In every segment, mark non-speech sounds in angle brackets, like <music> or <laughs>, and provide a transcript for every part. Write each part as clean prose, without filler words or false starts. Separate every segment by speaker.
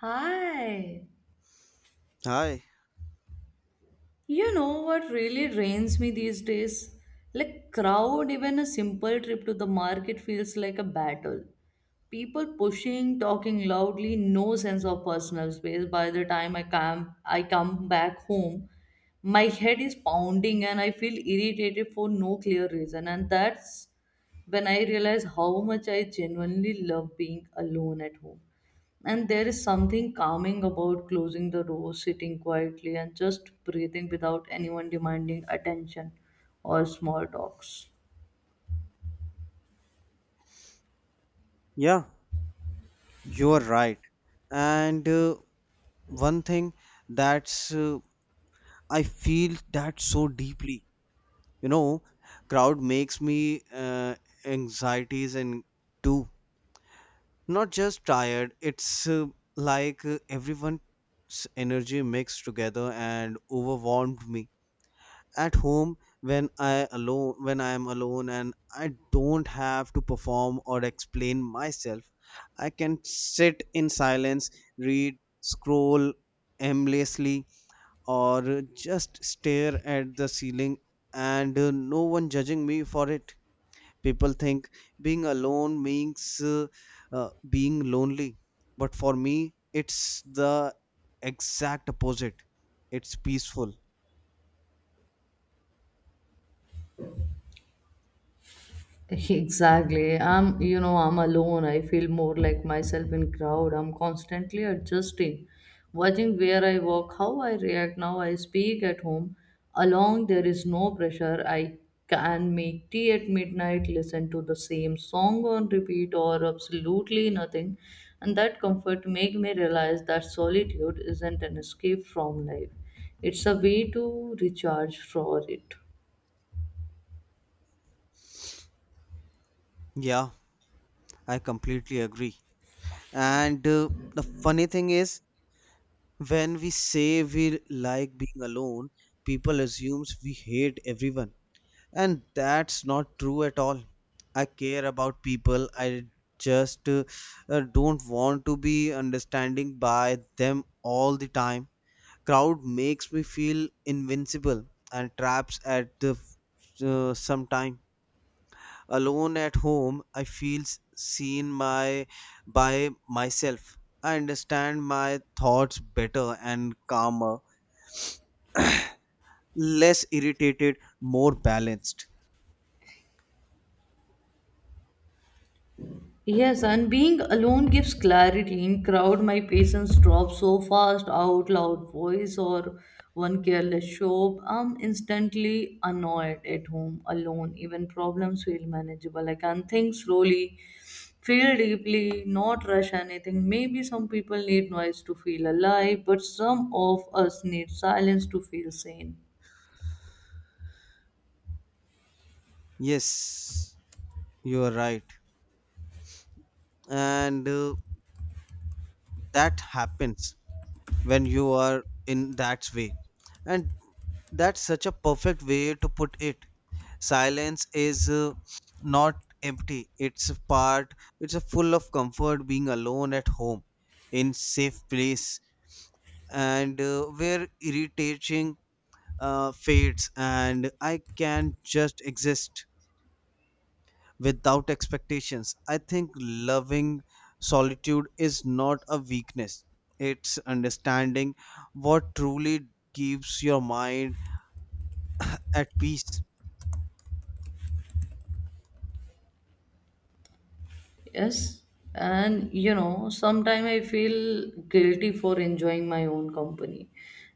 Speaker 1: Hi.
Speaker 2: Hi.
Speaker 1: You know what really drains me these days? Like crowd, even a simple trip to the market feels like a battle. People pushing, talking loudly, no sense of personal space. By the time I come back home, my head is pounding and I feel irritated for no clear reason. And that's when I realize how much I genuinely love being alone at home. And there is something calming about closing the door, sitting quietly, and just breathing without anyone demanding attention or small talks.
Speaker 2: Yeah, you are right. And one thing that's I feel that so deeply. You know, crowd makes me anxieties and too. Not just tired. It's like everyone's energy mixed together and overwhelmed me. At home when I am alone and I don't have to perform or explain myself. I can sit in silence, read, scroll aimlessly, or just stare at the ceiling, and no one judging me for it. People think being alone means uh, being lonely, but for me it's the exact opposite. It's peaceful.
Speaker 1: <laughs> Exactly. I'm alone. I feel more like myself in crowd. I'm constantly adjusting, watching where I walk, how I react. Now I speak at home. Along there is no pressure. I can make tea at midnight, listen to the same song on repeat, or absolutely nothing. And that comfort make me realize that solitude isn't an escape from life. It's a way to recharge for it.
Speaker 2: Yeah, I completely agree. And the funny thing is, when we say we like being alone, people assumes we hate everyone. And that's not true at all. I care about people. I just don't want to be understanding by them all the time. Crowd makes me feel invincible and traps at the some time. Alone at home I feel s- seen my by myself. I understand my thoughts better, and calmer, less irritated, more balanced.
Speaker 1: Yes, and being alone gives clarity. In crowd, my patience drops so fast. Out loud voice or one careless show, I'm instantly annoyed at home alone. Even problems feel manageable. I can think slowly, feel deeply, not rush anything. Maybe some people need noise to feel alive, but some of us need silence to feel sane.
Speaker 2: Yes, you are right. and that happens when you are in that way. And that's such a perfect way to put it. Silence is not empty. It's a full of comfort being alone at home in safe place. And where irritating fades and I can just exist without expectations. I think loving solitude is not a weakness. It's understanding what truly keeps your mind at peace.
Speaker 1: Yes, and you know, sometimes I feel guilty for enjoying my own company.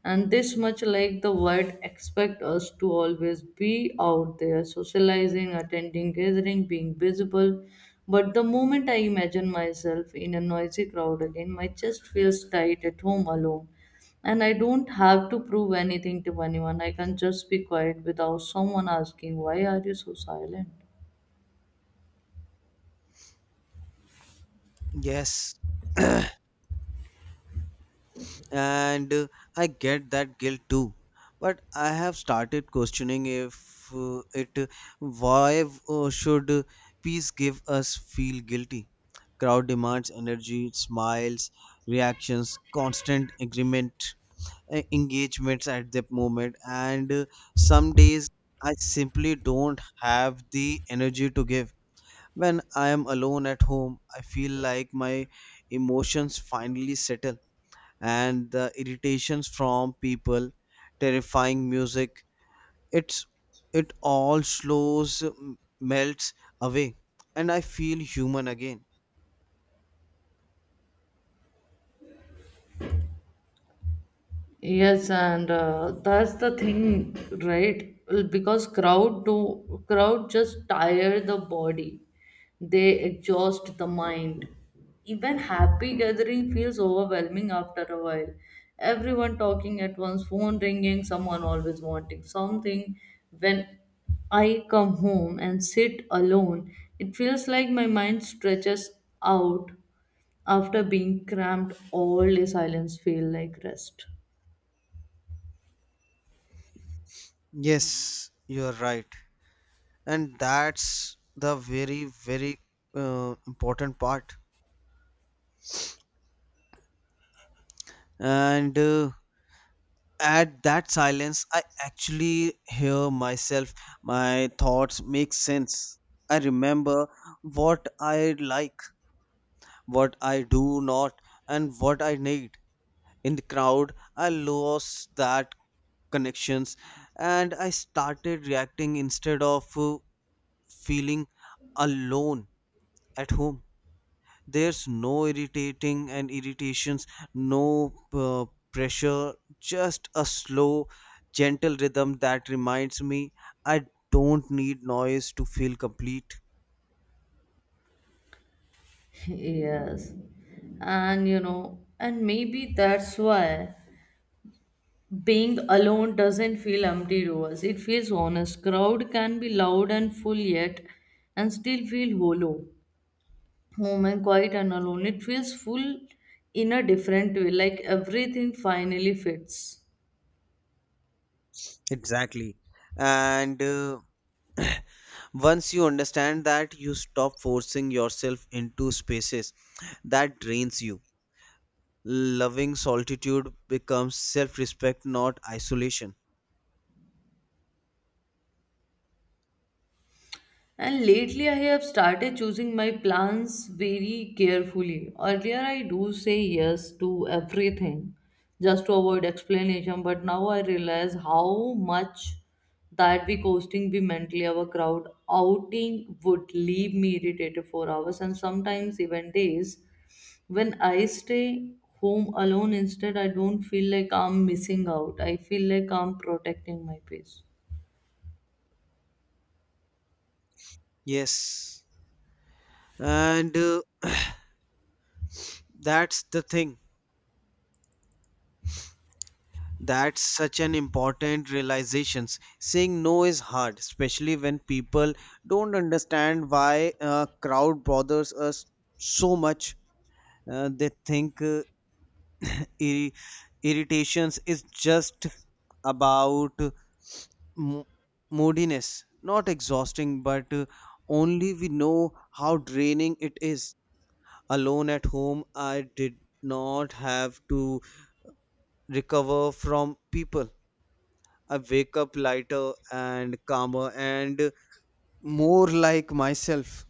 Speaker 1: And this much like the world expect us to always be out there socializing, attending gathering, being visible. But the moment I imagine myself in a noisy crowd again, my chest feels tight at home alone. And I don't have to prove anything to anyone. I can just be quiet without someone asking, why are you so silent?
Speaker 2: Yes. <clears throat> and I get that guilt too, but I have started questioning if it why should peace give us feel guilty. Crowd demands energy, smiles, reactions, constant agreement, engagements at that moment. And some days I simply don't have the energy to give. When I am alone at home, I feel like my emotions finally settle, and the irritations from people, terrifying music, It's it all slows, melts away, and I feel human again.
Speaker 1: Yes, and that's the thing, right? Because crowd just tire the body. They exhaust the mind. Even happy gathering feels overwhelming after a while. Everyone talking at once, phone ringing, someone always wanting something. When I come home and sit alone, it feels like my mind stretches out after being cramped all day silence feel like rest.
Speaker 2: Yes, you're right. And that's the very important part. And at that silence, I actually hear myself, my thoughts make sense. I remember what I like, what I do not, and what I need. In the crowd, I lost that connections and I started reacting instead of feeling. Alone at home, there's no irritating and irritations, no pressure, just a slow, gentle rhythm that reminds me I don't need noise to feel complete.
Speaker 1: Yes. And you know, and maybe that's why being alone doesn't feel empty to us. It feels honest. Crowd can be loud and full yet and still feel hollow. Home and quiet and alone. It feels full in a different way, like everything finally fits.
Speaker 2: Exactly. And once you understand that, you stop forcing yourself into spaces that drains you. Loving solitude becomes self-respect, not isolation.
Speaker 1: And lately, I have started choosing my plans very carefully. Earlier, I do say yes to everything just to avoid explanation, but now I realize how much that be costing me mentally. Our crowd outing would leave me irritated for hours and sometimes even days. When I stay home alone, instead, I don't feel like I'm missing out. I feel like I'm protecting my peace.
Speaker 2: Yes. and that's the thing. That's such an important realization. Saying no is hard, especially when people don't understand why a crowd bothers us so much. They think ir- irritations is just about mo- moodiness, not exhausting, but only we know how draining it is. Alone at home, I did not have to recover from people. I wake up lighter, and calmer, and more like myself.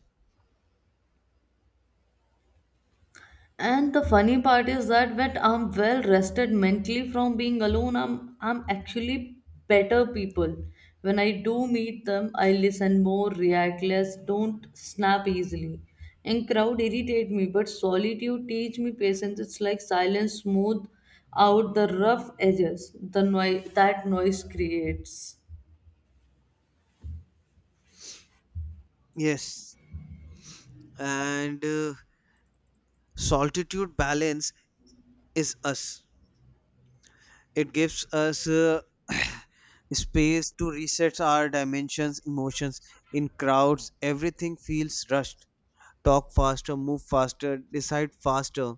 Speaker 1: And the funny part is that when I'm well rested mentally from being alone, I'm actually better people. When I do meet them, I listen more, react less, don't snap easily. And crowd irritate me, but solitude teach me patience. It's like silence smooth out the rough edges the noise that noise creates.
Speaker 2: Yes. and solitude balance is us. It gives us <clears throat> <sighs> space to reset our dimensions, emotions. In crowds, everything feels rushed. Talk faster, move faster, decide faster.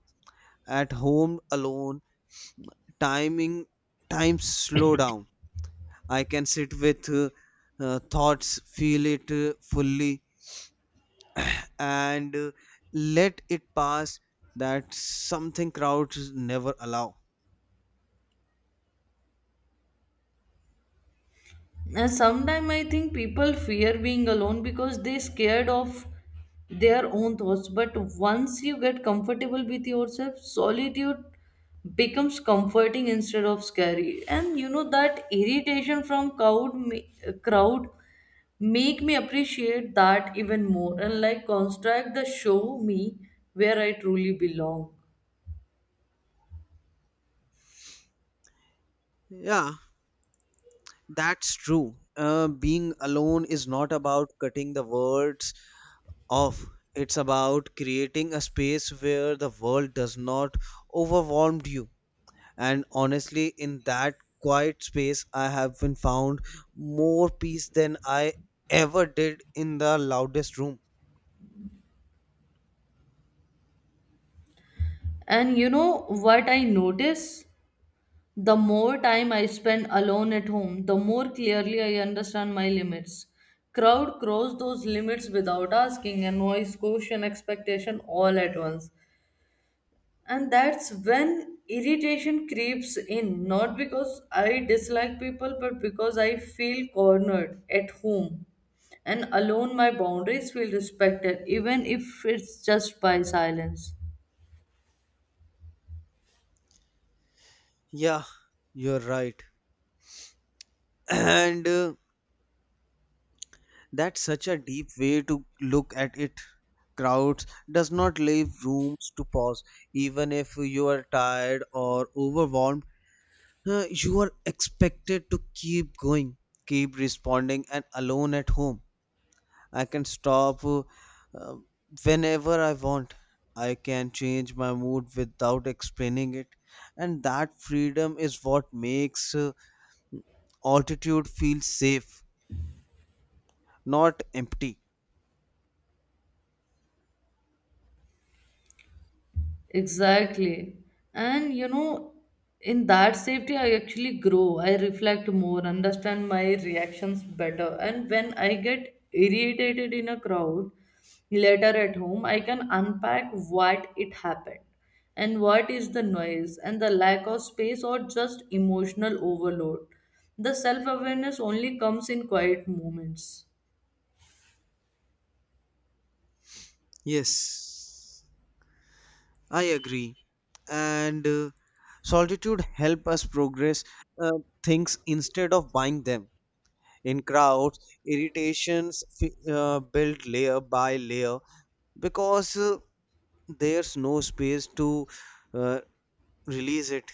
Speaker 2: At home alone, timing times slow down. I can sit with thoughts, feel it fully, and let it pass. That something crowds never allow.
Speaker 1: And sometimes I think people fear being alone because they scared of their own thoughts. But once you get comfortable with yourself, solitude becomes comforting instead of scary. And you know that irritation from crowd make me appreciate that even more. And like construct the show me where I truly belong.
Speaker 2: Yeah, that's true. Being alone is not about cutting the words off. It's about creating a space where the world does not overwhelm you. And honestly, in that quiet space, I have been found more peace than I ever did in the loudest room.
Speaker 1: And you know what I notice? The more time I spend alone at home, the more clearly I understand my limits. Crowd cross those limits without asking and noise, caution, expectation all at once. And that's when irritation creeps in, not because I dislike people, but because I feel cornered at home. And alone, my boundaries feel respected, even if it's just by silence.
Speaker 2: Yeah, you're right. <clears throat> And that's such a deep way to look at it. Crowds does not leave rooms to pause. Even if you are tired or overwhelmed, you are expected to keep going, keep responding. And alone at home, I can stop uh, whenever I want. I can change my mood without explaining it. And that freedom is what makes altitude feel safe, not empty.
Speaker 1: Exactly. And you know, in that safety, I actually grow. I reflect more, understand my reactions better. And when I get irritated in a crowd later at home, I can unpack what it happened and what is the noise and the lack of space or just emotional overload. The self awareness only comes in quiet moments.
Speaker 2: Yes, I agree. And solitude help us progress uh, things instead of buying them. In crowds, irritations build layer by layer because there's no space to uh, release it.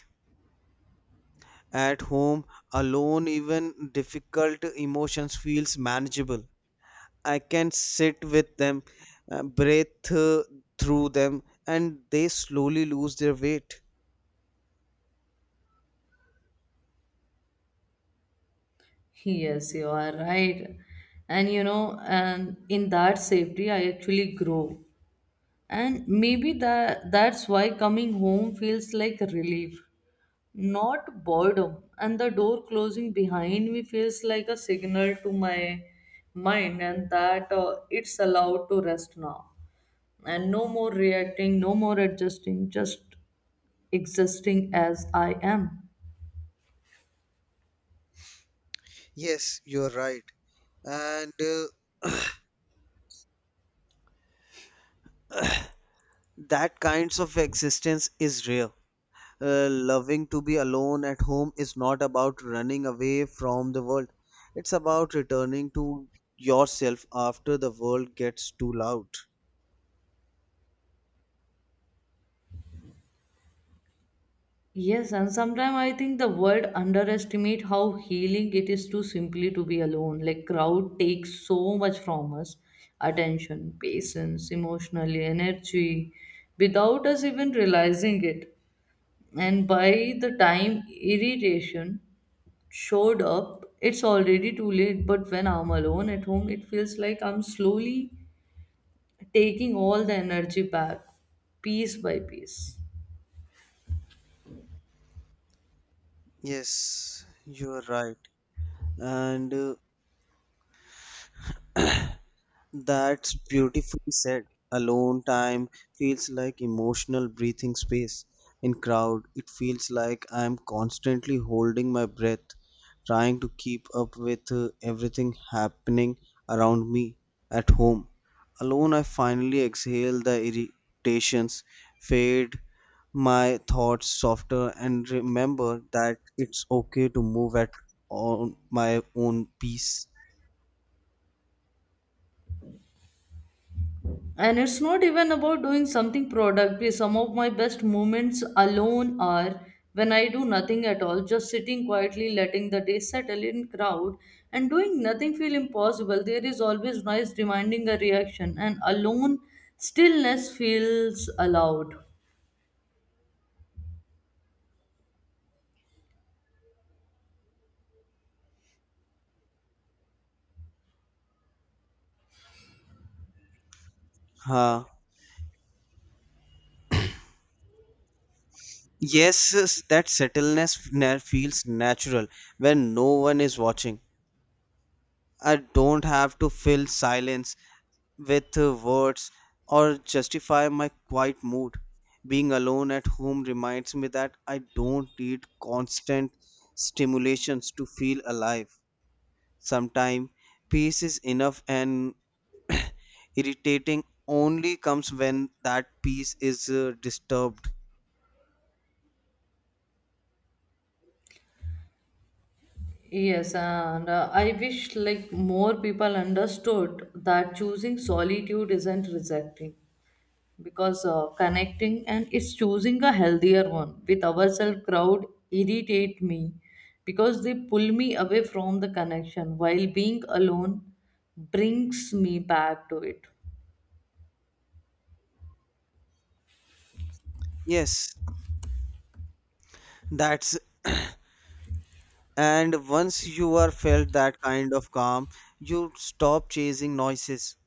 Speaker 2: At home alone, even difficult emotions feels manageable. I can sit with them, breathe through them, and they slowly lose their weight.
Speaker 1: Yes, you are right. And you know, and in that safety, I actually grow. And maybe that's why coming home feels like relief not boredom and the door closing behind me feels like a signal to my mind and that it's allowed to rest now and no more reacting no more adjusting just existing as I am.
Speaker 2: Yes, you're right. and that kinds of existence is real. Loving to be alone at home is not about running away from the world. It's about returning to yourself after the world gets too loud.
Speaker 1: Yes, and sometimes I think the world underestimate how healing it is to simply to be alone. Like crowd takes so much from us, attention, patience, emotional energy, without us even realizing it. And by the time irritation showed up, it's already too late. But when I'm alone at home, it feels like I'm slowly taking all the energy back, piece by piece.
Speaker 2: Yes, you are right. And that's beautifully said. Alone time feels like emotional breathing space. In crowd, it feels like I'm constantly holding my breath, trying to keep up with everything happening around me. At home alone, I finally exhale the irritations, fade my thoughts softer, and remember that it's okay to move at on my own pace.
Speaker 1: And it's not even about doing something productive some of my best moments alone are when I do nothing at all just sitting quietly letting the day settle in crowd and doing nothing feel impossible there is always noise demanding a reaction and alone stillness feels allowed.
Speaker 2: Ha. Yes, yes, that settleness feels natural when no one is watching. I don't have to fill silence with words or justify my quiet mood. Being alone at home reminds me that I don't need constant stimulations to feel alive. Sometimes peace is enough, and <clears throat> irritating only comes when that peace is disturbed.
Speaker 1: Yes, and I wish like more people understood that choosing solitude isn't rejecting. Because connecting and it's choosing a healthier one with ourselves crowd irritate me because they pull me away from the connection while being alone brings me back to it.
Speaker 2: Yes, that's. And once you are felt that kind of calm, you stop chasing noises.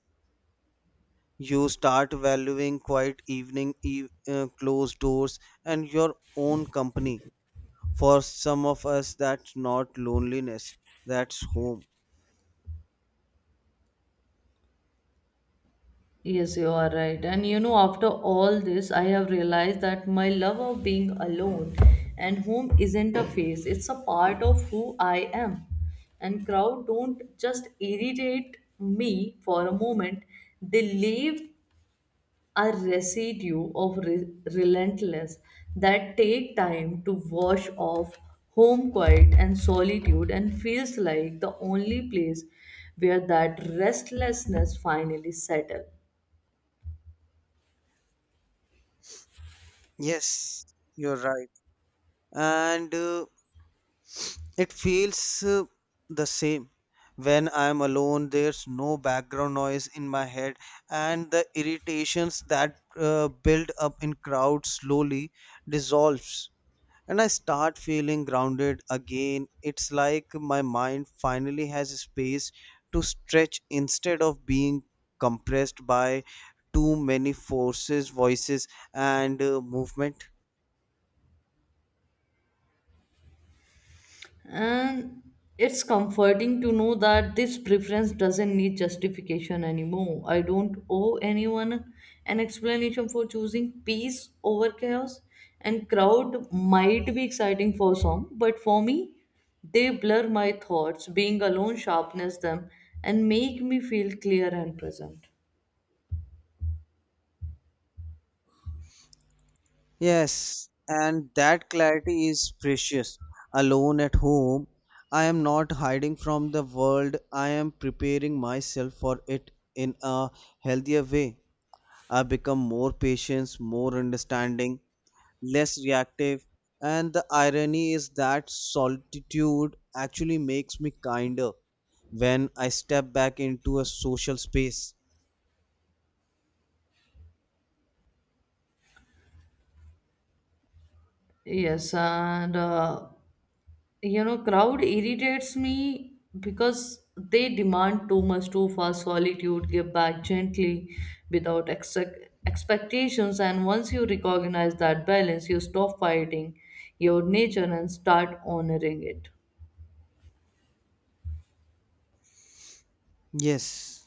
Speaker 2: You start valuing quiet closed doors, and your own company. For some of us, that's not loneliness, that's home.
Speaker 1: Yes, you are right. And you know, after all this I have realized that my love of being alone and home isn't a phase, it's a part of who I am. And crowd don't just irritate me for a moment, they leave are residue of relentless that take time to wash off. Home quiet and solitude and feels like the only place where that restlessness finally settles.
Speaker 2: Yes, you're right. And it feels the same. When I am alone, there's no background noise in my head, and the irritations that build up in crowds slowly dissolves, and I start feeling grounded again. It's like my mind finally has space to stretch instead of being compressed by too many forces, voices, and movement.
Speaker 1: And it's comforting to know that this preference doesn't need justification anymore. I don't owe anyone an explanation for choosing peace over chaos. And crowd might be exciting for some, but for me, they blur my thoughts. Being alone sharpens them and make me feel clear and present.
Speaker 2: Yes, and that clarity is precious. Alone at home, I am not hiding from the world, I am preparing myself for it in a healthier way. I become more patient, more understanding, less reactive, and the irony is that solitude actually makes me kinder when I step back into a social space.
Speaker 1: Yes, and you know crowd irritates me because they demand too much too fast solitude give back gently without expectations and once you recognize that balance you stop fighting your nature and start honoring it.
Speaker 2: Yes.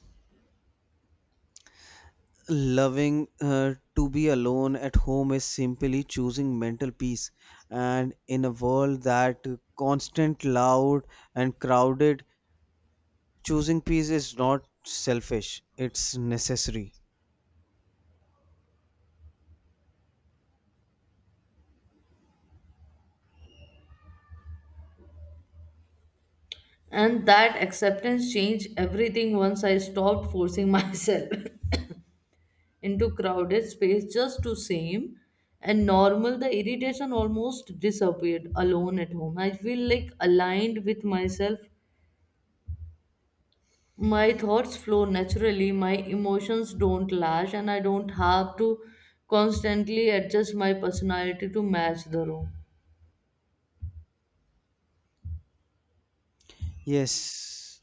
Speaker 2: Loving to be alone at home is simply choosing mental peace. And in a world that constant, loud, and crowded, choosing peace is not selfish, it's necessary.
Speaker 1: And that acceptance changed everything once I stopped forcing <laughs> myself into crowded space just to seem and normal the irritation almost disappeared alone at home I feel like aligned with myself, my thoughts flow naturally, my emotions don't lash, and I don't have to constantly adjust my personality to match the room.
Speaker 2: Yes.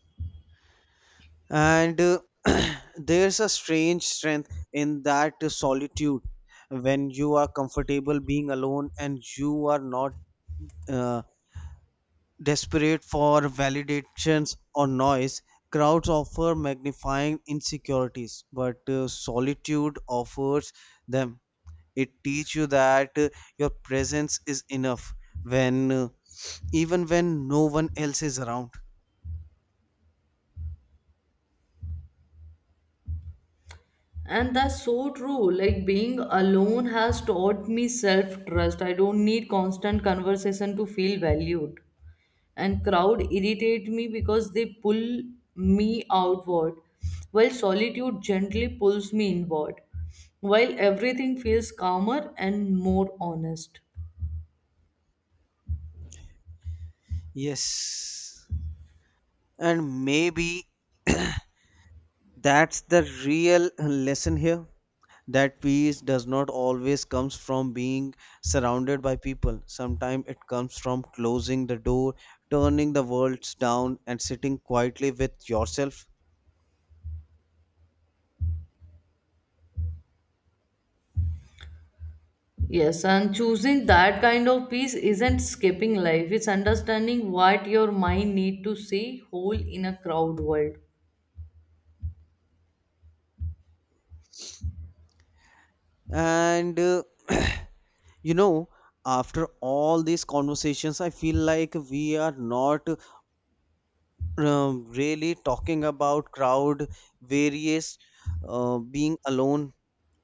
Speaker 2: And <clears throat> there's a strange strength in that solitude when you are comfortable being alone and you are not. Uh, Desperate for validations or noise, crowds offer magnifying insecurities, but solitude offers them. It teaches you that your presence is enough when even when no one else is around.
Speaker 1: And that's so true, like being alone has taught me self trust, I don't need constant conversation to feel valued and crowd irritate me because they pull me outward while solitude gently pulls me inward while everything feels calmer and more honest.
Speaker 2: Yes. And maybe that's the real lesson here, that peace does not always comes from being surrounded by people. Sometimes it comes from closing the door, turning the worlds down, and sitting quietly with yourself.
Speaker 1: Yes, and choosing that kind of peace isn't skipping life. It's understanding what your mind need to see whole in a crowd world.
Speaker 2: And <clears throat> you know, after all these conversations, I feel like we are not really talking about crowd various being alone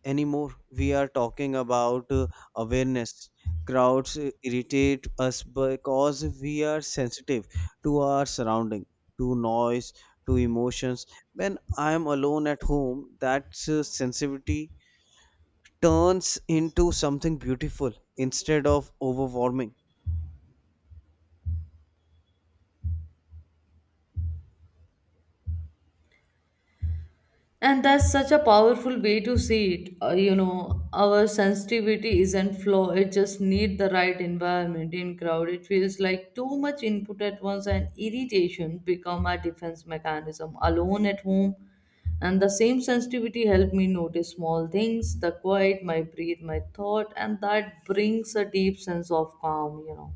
Speaker 2: anymore. We are talking about awareness. Crowds irritate us because we are sensitive to our surrounding, to noise, to emotions. When I am alone at home, that sensitivity turns into something beautiful instead of overwhelming.
Speaker 1: And that's such a powerful way to see it. You know, our sensitivity isn't flaw, it just need the right environment in crowd. It feels like too much input at once and irritation become a defense mechanism alone at home. And the same sensitivity helped me notice small things, the quiet, my breath, my thought, and that brings a deep sense of calm, you know.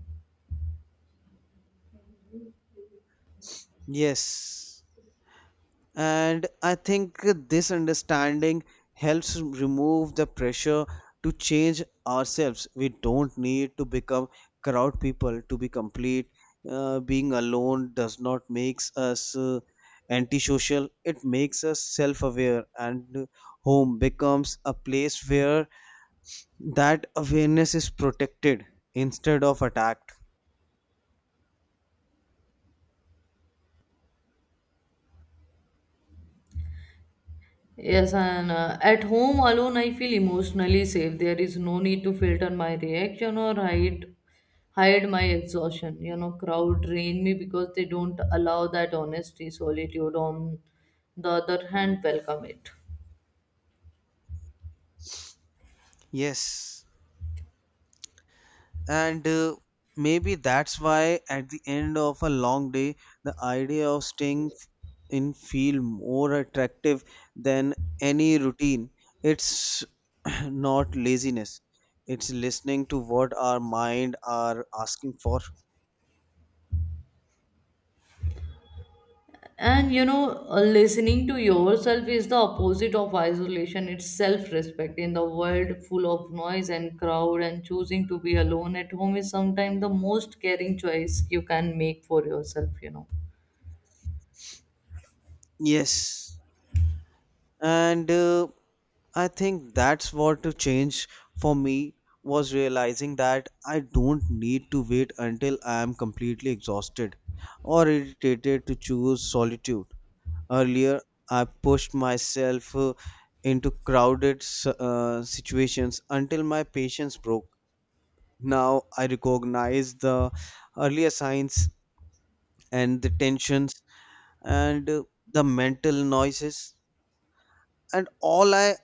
Speaker 2: Yes. And I think this understanding helps remove the pressure to change ourselves. We don't need to become crowd people to be complete. Being alone does not makes us antisocial. It makes us self-aware, and home becomes a place where that awareness is protected instead of attacked.
Speaker 1: Yes, and at home alone, I feel emotionally safe. There is no need to filter my reaction or hide my exhaustion. You know, crowd drain me because they don't allow that honesty. Solitude, on the other hand, welcome it.
Speaker 2: Yes, and maybe that's why at the end of a long day the idea of staying in feel more attractive than any routine. It's <clears throat> not laziness, it's listening to what our mind are asking for.
Speaker 1: And you know, listening to yourself is the opposite of isolation. It's self-respect in the world full of noise and crowd. And choosing to be alone at home is sometimes the most caring choice you can make for yourself, you know.
Speaker 2: Yes. and I think that's what to change for me was realizing that I don't need to wait until I am completely exhausted or irritated to choose solitude. Earlier, I pushed myself into crowded situations until my patience broke. Now I recognize the earlier signs, and the tensions, and the mental noises, and all I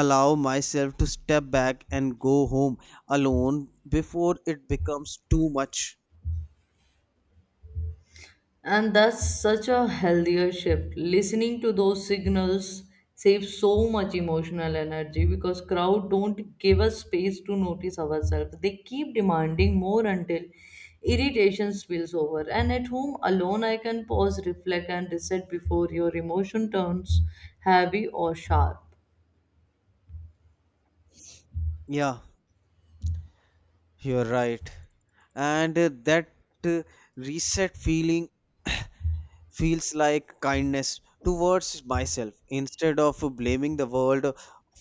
Speaker 2: allow myself to step back and go home alone before it becomes too much.
Speaker 1: And that's such a healthier shift. Listening to those signals saves so much emotional energy because crowd don't give us space to notice ourselves. They keep demanding more until irritation spills over. And at home alone I can pause, reflect and reset before your emotion turns heavy or sharp.
Speaker 2: Yeah, you're right. And that uh, reset feeling feels like kindness towards myself instead of blaming the world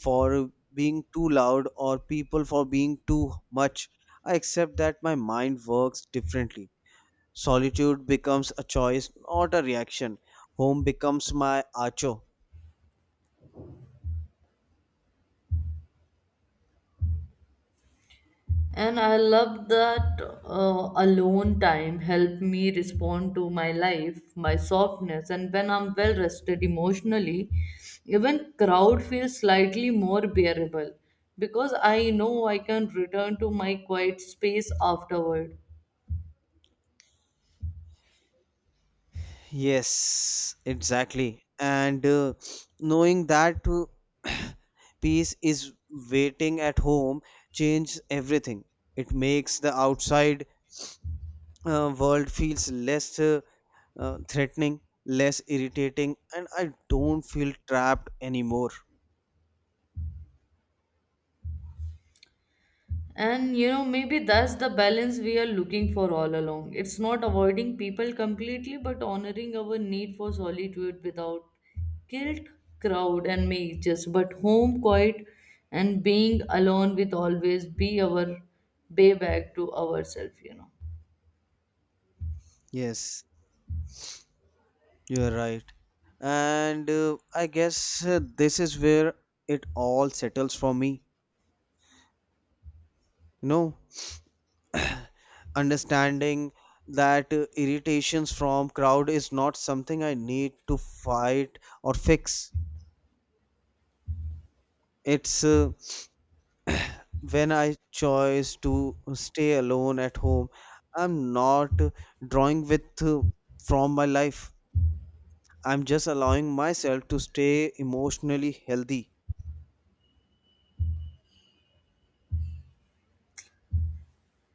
Speaker 2: for being too loud or people for being too much. I accept that my mind works differently. Solitude becomes a choice, not a reaction. Home becomes my acho.
Speaker 1: And I love that alone time help me respond to my life, my softness, and when I'm well rested emotionally, even crowd feels slightly more bearable because I know I can return to my quiet space afterward.
Speaker 2: Yes, exactly. And knowing that <clears throat> peace is waiting at home changes everything. It makes the outside world feels less threatening, less irritating, and I don't feel trapped anymore.
Speaker 1: And you know, maybe that's the balance we are looking for all along. It's not avoiding people completely, but honoring our need for solitude without guilt, crowd, and mages. But home, quiet, and being alone with always be our way back to ourselves, you know.
Speaker 2: Yes, you're right. And this is where it all settles for me. You know, <clears throat> understanding that irritations from crowd is not something I need to fight or fix. It's when I choose to stay alone at home, I'm not drawing with from my life, I'm just allowing myself to stay emotionally healthy.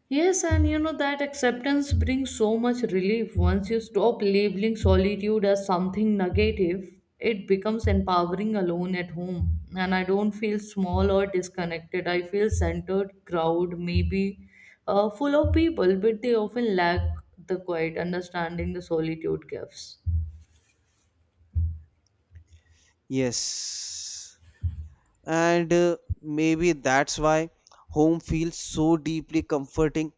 Speaker 1: Yes, and you know that acceptance brings so much relief once you stop labeling solitude as something negative. It becomes empowering alone at home, and I don't feel small or disconnected. I feel centered, crowd, maybe full of people, but they often lack the quiet understanding the solitude gives.
Speaker 2: Yes. and maybe that's why home feels so deeply comforting.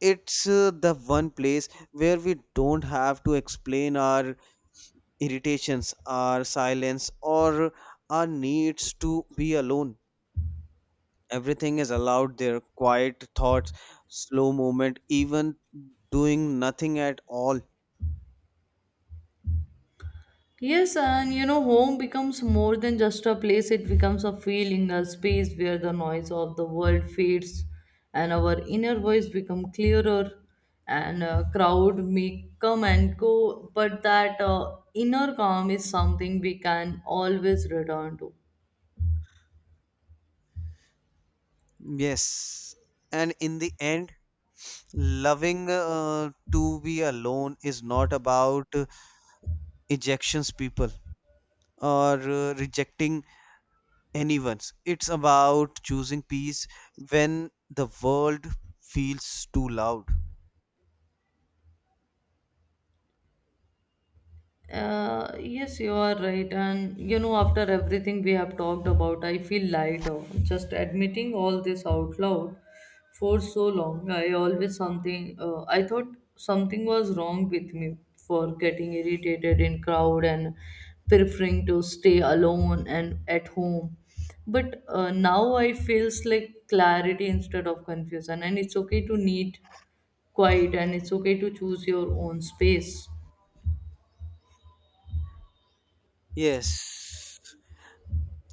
Speaker 2: It's the one place where we don't have to explain our irritations, our silence, or our needs to be alone. Everything is allowed there: quiet thoughts, slow movement, even doing nothing at all.
Speaker 1: Yes, and you know, home becomes more than just a place, it becomes a feeling, a space where the noise of the world fades and our inner voice become clearer and a crowd may come and go but that inner calm is something we can always return to.
Speaker 2: Yes. And in the end, loving to be alone is not about ejections, people, or rejecting anyone's. It's about choosing peace when the world feels too loud.
Speaker 1: Yes, you are right. And you know, after everything we have talked about, I feel lighter. Just admitting all this out loud for so long, I always something. I thought something was wrong with me for getting irritated in crowd and preferring to stay alone and at home. But now I feels like clarity instead of confusion, and it's okay to need quiet, and it's okay to choose your own space.
Speaker 2: Yes,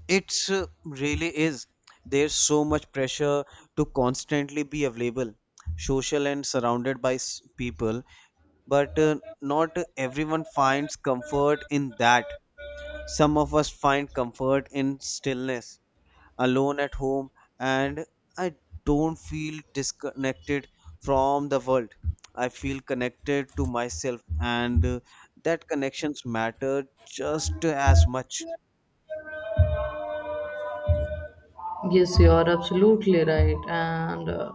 Speaker 2: it's really is. There's so much pressure to constantly be available, social, and surrounded by people, but not everyone finds comfort in that. Some of us find comfort in stillness, alone at home, and I don't feel disconnected from the world. I feel connected to myself, and that connections matter just as much.
Speaker 1: Yes, you are absolutely right. And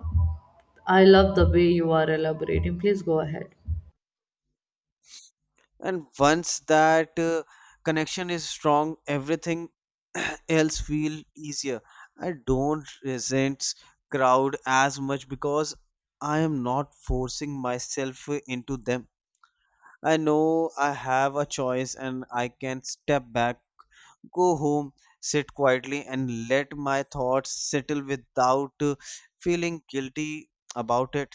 Speaker 1: I love the way you are elaborating. Please go ahead.
Speaker 2: And once that connection is strong, everything <clears throat> else feel easier. I don't resent crowd as much because I am not forcing myself into them. I know I have a choice and I can step back, go home, sit quietly, and let my thoughts settle without feeling guilty about it.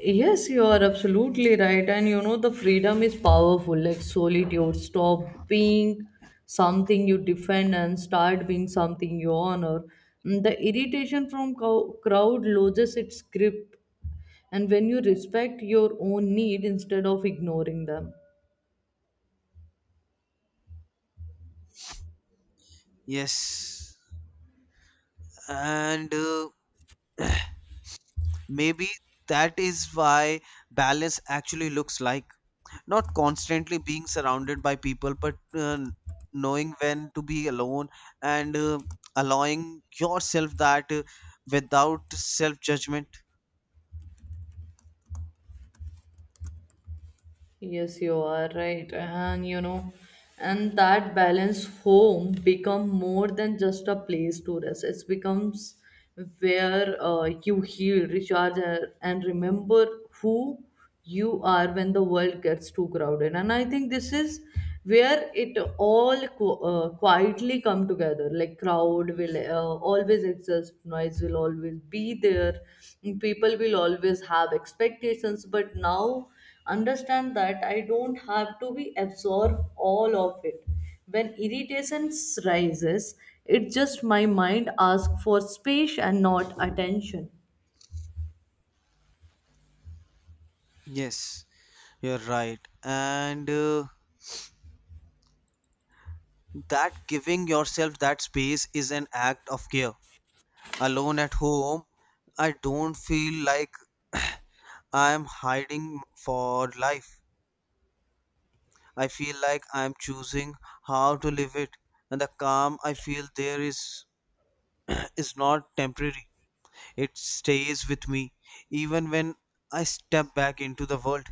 Speaker 1: Yes, you are absolutely right. And you know, the freedom is powerful. Like solitude, stop being something you defend and start being something you honor. Mm, the irritation from crowd loses its grip. And when you respect your own need instead of ignoring them.
Speaker 2: Yes, and maybe that is why balance actually looks like not constantly being surrounded by people, but knowing when to be alone and allowing yourself that without self judgment.
Speaker 1: Yes, you are right. And you know, and that balance home become more than just a place to rest. It becomes where you heal, recharge, and remember who you are when the world gets too crowded. And I think this is where it all quietly come together. Like crowd will always exist, noise will always be there, people will always have expectations, but now understand that I don't have to be absorb all of it. When irritation rises, it's just my mind asks for space and not attention.
Speaker 2: Yes, you're right. And that giving yourself that space is an act of care. Alone at home, I don't feel like I am hiding for life. I feel like I am choosing how to live it. And the calm I feel there is <clears throat> is not temporary. It stays with me even when I step back into the world.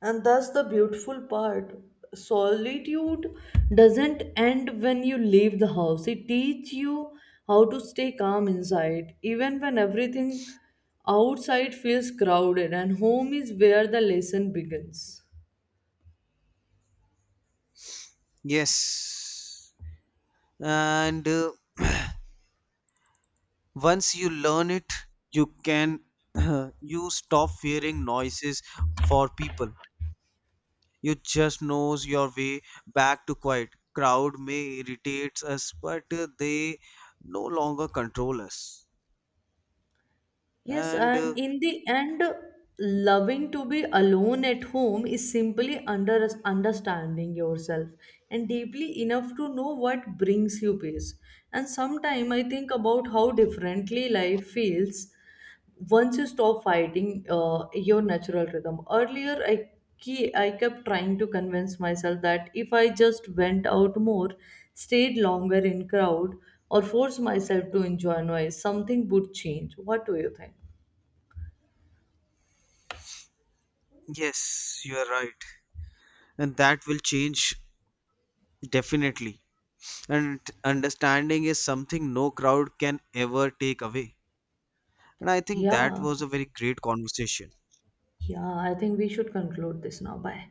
Speaker 1: And that's the beautiful part. Solitude doesn't end when you leave the house. It teaches you how to stay calm inside, even when everything outside feels crowded, and home is where the lesson begins.
Speaker 2: Yes. And once you learn it, you can <clears throat> you stop fearing noises for people. You just knows your way back to quiet. Crowd may irritates us, but they no longer control us.
Speaker 1: Yes,
Speaker 2: And
Speaker 1: and in the end, loving to be alone at home is simply under understanding yourself and deeply enough to know what brings you peace. And sometimes I think about how differently life feels once you stop fighting your natural rhythm earlier I kept trying to convince myself that if I just went out more, stayed longer in crowd, or forced myself to enjoy noise something would change. What do you think?
Speaker 2: yes, you are right, and that will change definitely. And understanding is something no crowd can ever take away. And I think that
Speaker 1: Yeah,
Speaker 2: was a very great conversation.
Speaker 1: yeah, I think we should conclude this now. Bye.